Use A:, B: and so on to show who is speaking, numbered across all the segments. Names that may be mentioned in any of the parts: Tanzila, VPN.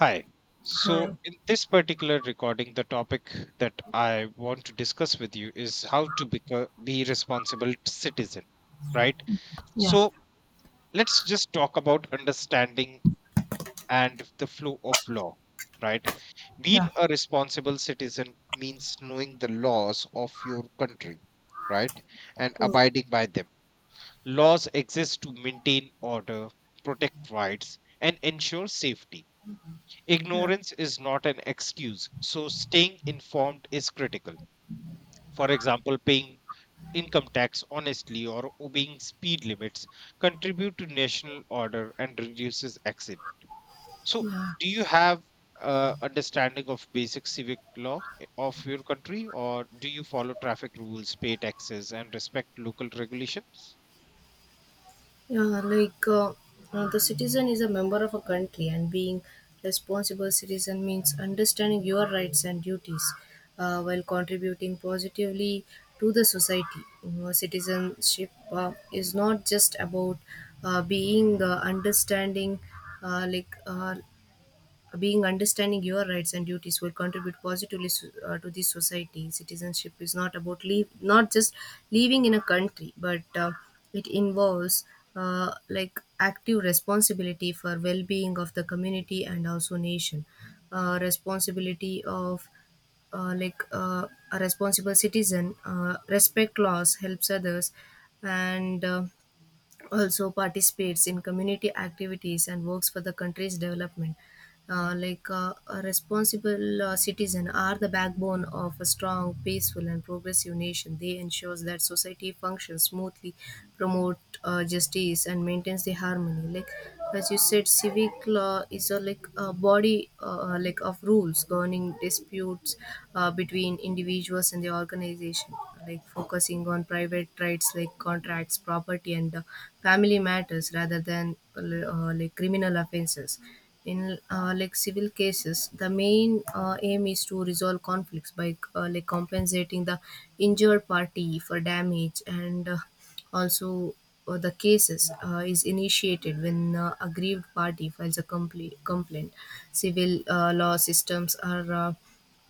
A: Hi. So,
B: はい。
A: in this particular recording, the topic that I want to discuss with you is how to become be responsible citizen, right?
B: Yeah.
A: So, let's just talk about understanding and the flow of law, right?
B: Yeah.
A: Being a responsible citizen means knowing the laws of your country, right? And
B: Oh,
A: abiding by them. Laws exist to maintain order, protect rights, and ensure safety.
B: yeah.
A: Ignorance is not an excuse, so staying informed is critical. For example, paying income tax honestly or obeying speed limits contribute to national order and reduces accident. So,
B: Yeah.
A: do you have understanding of basic civic law of your country, or do you follow traffic rules, pay taxes, and respect local regulations?
B: Yeah, the citizen is a member of a country, and being responsible citizen means understanding your rights and duties while contributing positively to the society. You know, citizenship is not just about uh, being uh, understanding, uh, like uh, being understanding your rights and duties will contribute positively to the society. Citizenship is not about leave, not just living in a country, but it involves like active responsibility for well-being of the community and also nation. Responsibility of a responsible citizen, respect laws, helps others, and also participates in community activities and works for the country's development. A responsible citizen are the backbone of a strong, peaceful and progressive nation. They ensures that society functions smoothly, promote justice and maintains the harmony. Like as you said, civic law is a like a body like of rules governing disputes between individuals and the organization, like focusing on private rights like contracts, property and family matters rather than like criminal offenses. In like civil cases, the main aim is to resolve conflicts by like compensating the injured party for damage. And also the cases is initiated when aggrieved party files a complaint. Civil law systems are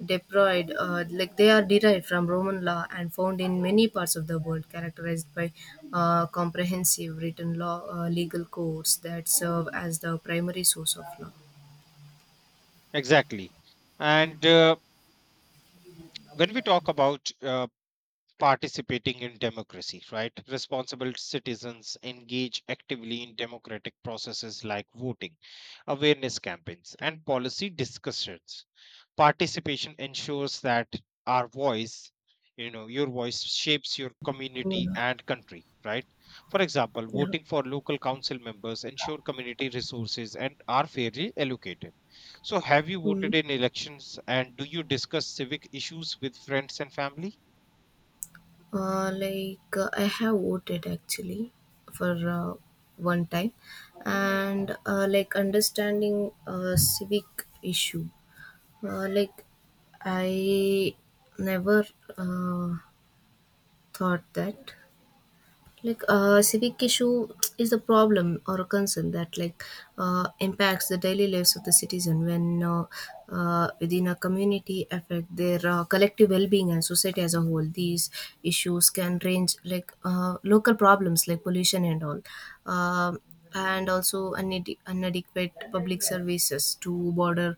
B: deployed, like they are derived from Roman law and found in many parts of the world, characterized by comprehensive written law, legal codes that serve as the primary source of law.
A: Exactly. And when we talk about participating in democracy, right? Responsible citizens engage actively in democratic processes like voting, awareness campaigns, and policy discussions. Participation ensures that our voice, your voice shapes your community
B: Yeah,
A: and country, right? For example,
B: yeah.
A: voting for local council members ensure community resources and are fairly allocated. So, have you
B: Mm.
A: voted in elections and do you discuss civic issues with friends and family?
B: I have voted actually for one time, and like understanding civic issue. Like I never uh, thought that. Like civic issue is a problem or a concern that like impacts the daily lives of the citizen when within a community affect their collective well-being and society as a whole. These issues can range like local problems like pollution and all. Um and also inadequate public services to border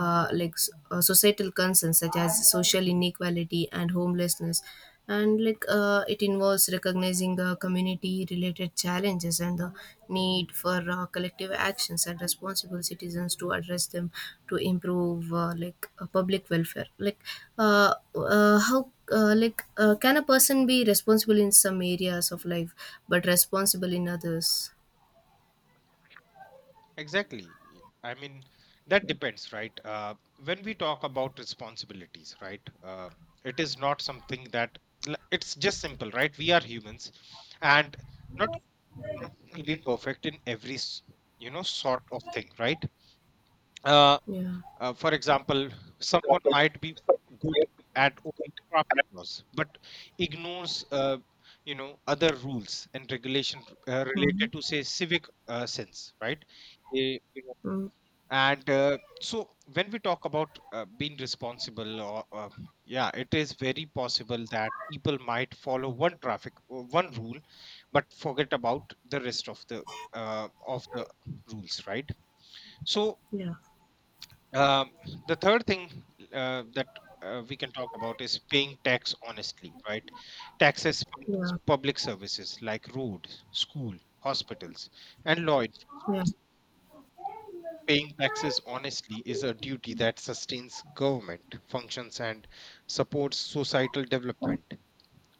B: societal concerns such as social inequality and homelessness. And like it involves recognizing the community related challenges and the need for collective actions and responsible citizens to address them to improve public welfare. How can a person be responsible in some areas of life but responsible in others?
A: Exactly. I mean, that depends, right? When we talk about responsibilities, right? It is not something that it's just simple, right? We are humans, and not really perfect in every you know sort of thing, right? Uh,
B: Yeah.
A: for example, someone might be good at only craft laws, but ignores you know other rules and regulation
B: Mhm.
A: related to say civic sense, right?
B: Mm.
A: And so when we talk about being responsible or yeah, it is very possible that people might follow one rule, but forget about the rest of the uh, of the rules, right? So
B: Yeah.
A: um, the third thing that we can talk about is paying tax honestly, right? Taxes fund
B: Yeah.
A: public services like roads, school, hospitals, and law
B: Yeah.
A: enforcement. Paying taxes honestly is a duty that sustains government functions and supports societal development.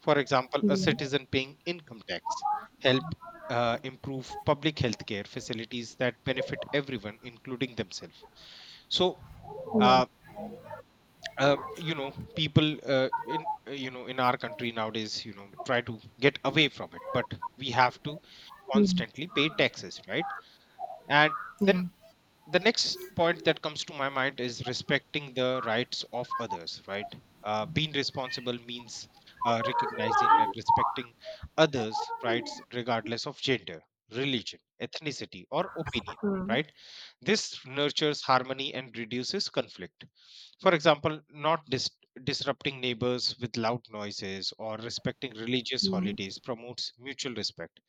A: For example, a
B: Mhm.
A: citizen paying income tax help improve public health care facilities that benefit everyone, including themselves. So,
B: Yeah.
A: uh, you know, people in you know, in our country nowadays, you know, try to get away from it, but we have to
B: Mhm.
A: constantly pay taxes, right? And then
B: Yeah.
A: the next point that comes to my mind is respecting the rights of others, right? Being responsible means recognizing and respecting others rights regardless of gender, religion, ethnicity, or opinion,
B: Mhm.
A: right? This nurtures harmony and reduces conflict. For example, not disrupting neighbors with loud noises or respecting religious holidays promotes mutual respect.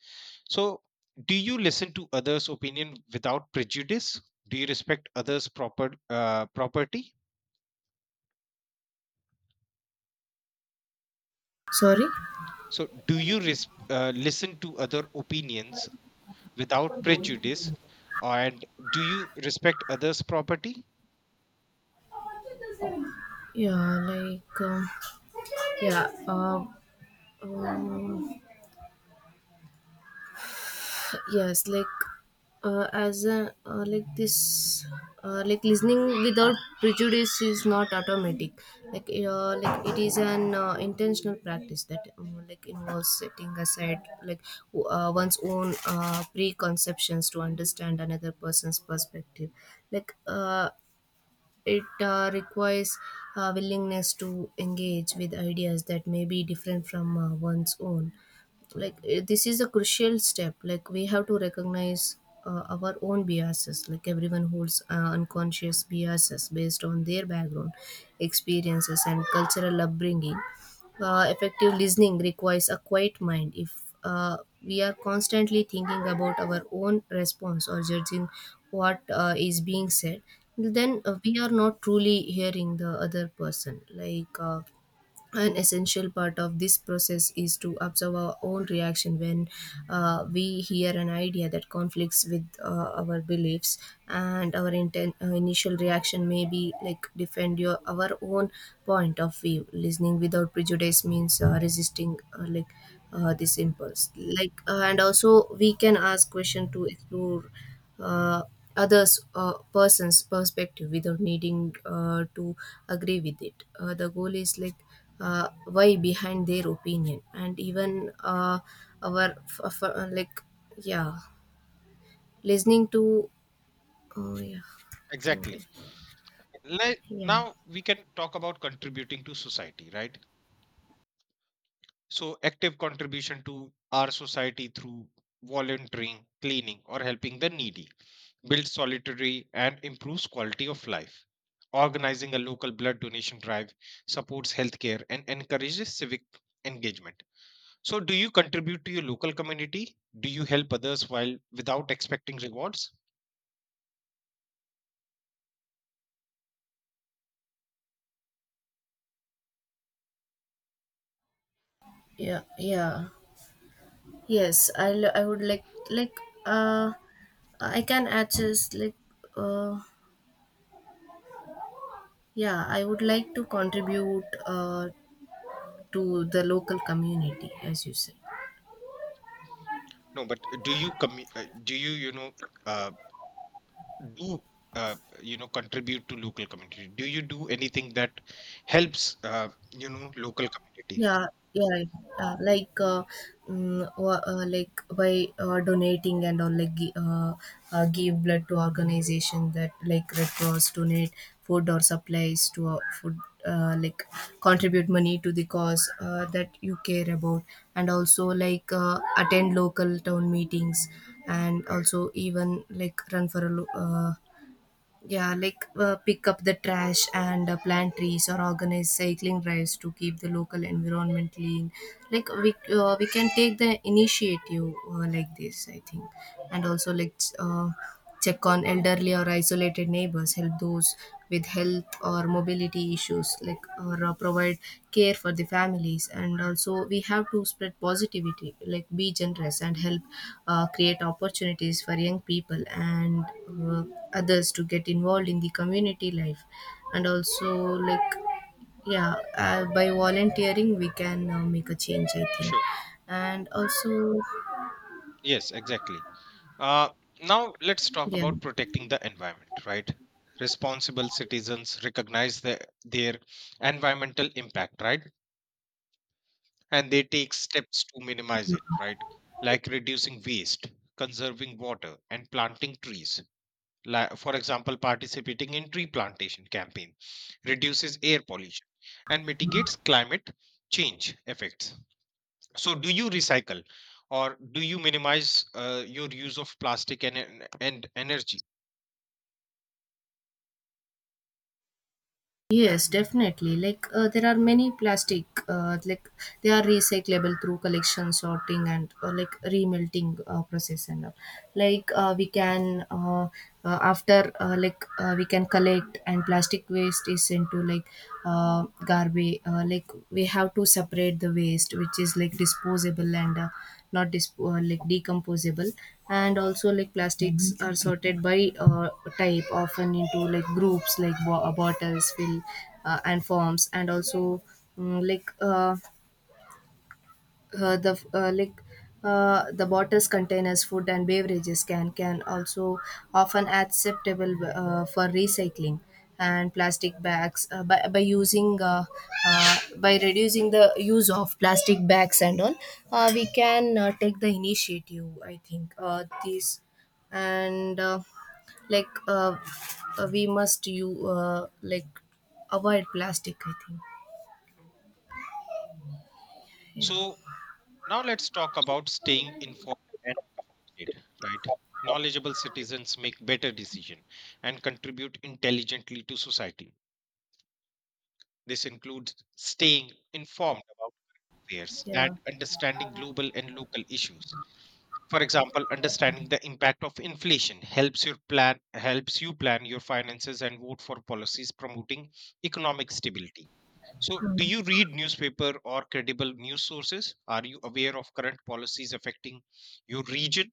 A: So, do you listen to others' opinion without prejudice? Do you respect others' property?
B: Sorry?
A: So, do you listen to other opinions without prejudice, and do you respect others' property?
B: Yeah, like, um, yeah, um, um, yes, like as a like this like listening without prejudice is not automatic. Like it is an intentional practice that like involves setting aside like one's own preconceptions to understand another person's perspective. like uh, it requires a willingness to engage with ideas that may be different from one's own. Like, this is a crucial step. Like we have to recognize our own biases. Like everyone holds unconscious biases based on their background, experiences, and cultural upbringing. Effective listening requires a quiet mind. If we are constantly thinking about our own response or judging what is being said, then we are not truly hearing the other person. An essential part of this process is to observe our own reaction when we hear an idea that conflicts with our beliefs, and our initial reaction may be like defend your our own point of view. Listening without prejudice means resisting this impulse. And also we can ask question to explore uh, others person's perspective without needing to agree with it. The goal is like why behind their opinion. And even our f- f- like yeah, listening to, oh yeah. Can go.
A: Exactly. Let,
B: yeah
A: now we can talk about contributing to society, right? So active contribution to our society through volunteering, cleaning, or helping the needy builds solidarity and improves quality of life. Organizing a local blood donation drive supports healthcare and encourages civic engagement. So, do you contribute to your local community? Do you help others while without expecting rewards?
B: yeah. Yes, I would like uh I can adjust like uh yeah, I would like to contribute to the local community, as you said.
A: No, but do you do you, you know, uh, do you know, contribute to local community, do you do anything that helps, you know, local community?
B: Yeah, yeah, yeah. Uh, Like, uh, like by donating and all, like give blood to organization that like Red Cross, donate food or supplies to food, like contribute money to the cause that you care about, and also like attend local town meetings, and also even like run for a yeah, like pick up the trash and plant trees or organize cycling drives to keep the local environment clean. Like we can take the initiative like this, I think. And also check on elderly or isolated neighbors, help those with health or mobility issues, like or provide care for the families. And also we have to spread positivity, like be generous and help create opportunities for young people and uh, others to get involved in the community life. And also like yeah, by volunteering we can make a change, I think.
A: Sure.
B: And also
A: Yes, exactly. uh, now let's talk
B: yeah.
A: about protecting the environment, right? Responsible citizens recognize their environmental impact, right? And they take steps to minimize it, right? Like reducing waste, conserving water, and planting trees. Like for example, participating in tree plantation campaign reduces air pollution and mitigates climate change effects. So do you recycle or do you minimize your use of plastic and energy?
B: Yes, definitely. Like there are many plastic, like they are recyclable through collection, sorting, and like remelting process and all. Like we can after like we can collect and plastic waste is sent to like garbage. Like we have to separate the waste, which is like disposable and not dis- like decomposable. And also like plastics are sorted by type, often into like groups like bottles, fill and forms. And also mm, like uh, uh, the uh, like the bottles, containers, food and beverages can also often acceptable for recycling. And plastic bags by reducing the use of plastic bags and all, we can take the initiative, I think, these. And like uh, we must you like avoid plastic, I think. Yeah,
A: So now let's talk about staying informed and updated, right? Knowledgeable citizens make better decision and contribute intelligently to society. This includes staying informed affairs and
B: yeah.
A: understanding global and local issues. For example, understanding the impact of inflation helps your plan helps you plan your finances and vote for policies promoting economic stability. So, do you read newspaper or credible news sources? Are you aware of current policies affecting your region?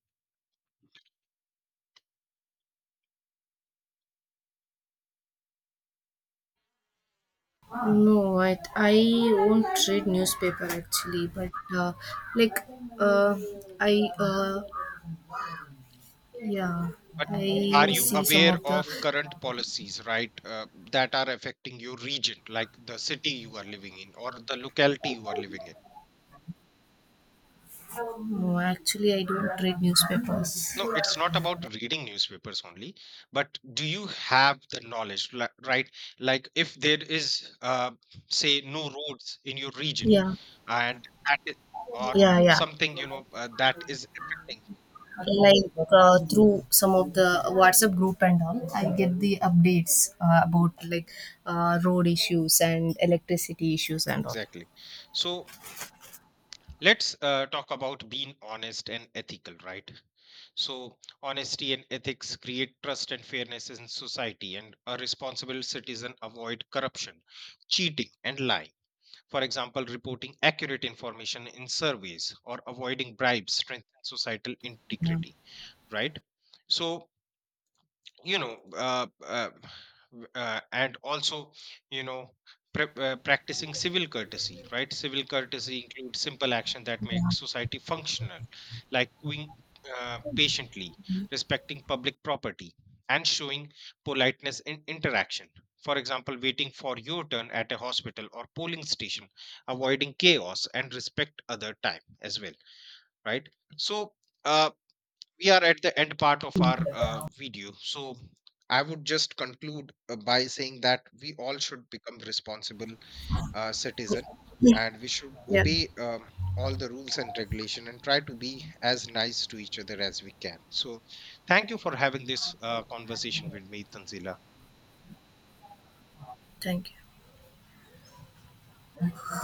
B: No, I won't read newspaper actually, but uh, like uh, I yeah,
A: But are
B: I
A: you
B: see some
A: aware
B: of the.
A: of current policies, right, that are affecting your region, like the city you are living in or the locality you are living in?
B: No, actually, I don't read newspapers.
A: No, it's not about reading newspapers only, but do you have the knowledge, right? Like if there is, say, no roads in your region,
B: Yeah,
A: and that is, or
B: yeah, yeah.
A: something, you know, that is affecting
B: Like through some of the WhatsApp group and all, I get the updates about like road issues and electricity issues and all.
A: exactly. So let's talk about being honest and ethical, right? So honesty and ethics create trust and fairness in society, and a responsible citizen avoid corruption, cheating, and lying. For example, reporting accurate information in surveys or avoiding bribes strengthens societal
B: Yeah,
A: integrity, right? So, you know uh, uh, and also, you know, practicing civil courtesy, right? Civil courtesy includes simple action that makes society functional, like queuing patiently, respecting public property, and showing politeness in interaction. For example, waiting for your turn at a hospital or polling station, avoiding chaos and respect other time as well, right? So uh, we are at the end part of our video, so I would just conclude by saying that we all should become responsible citizen,
B: yeah.
A: and we should
B: Yeah.
A: obey all the rules and regulation and try to be as nice to each other as we can. So thank you for having this conversation with me, Tanzila.
B: Thank you.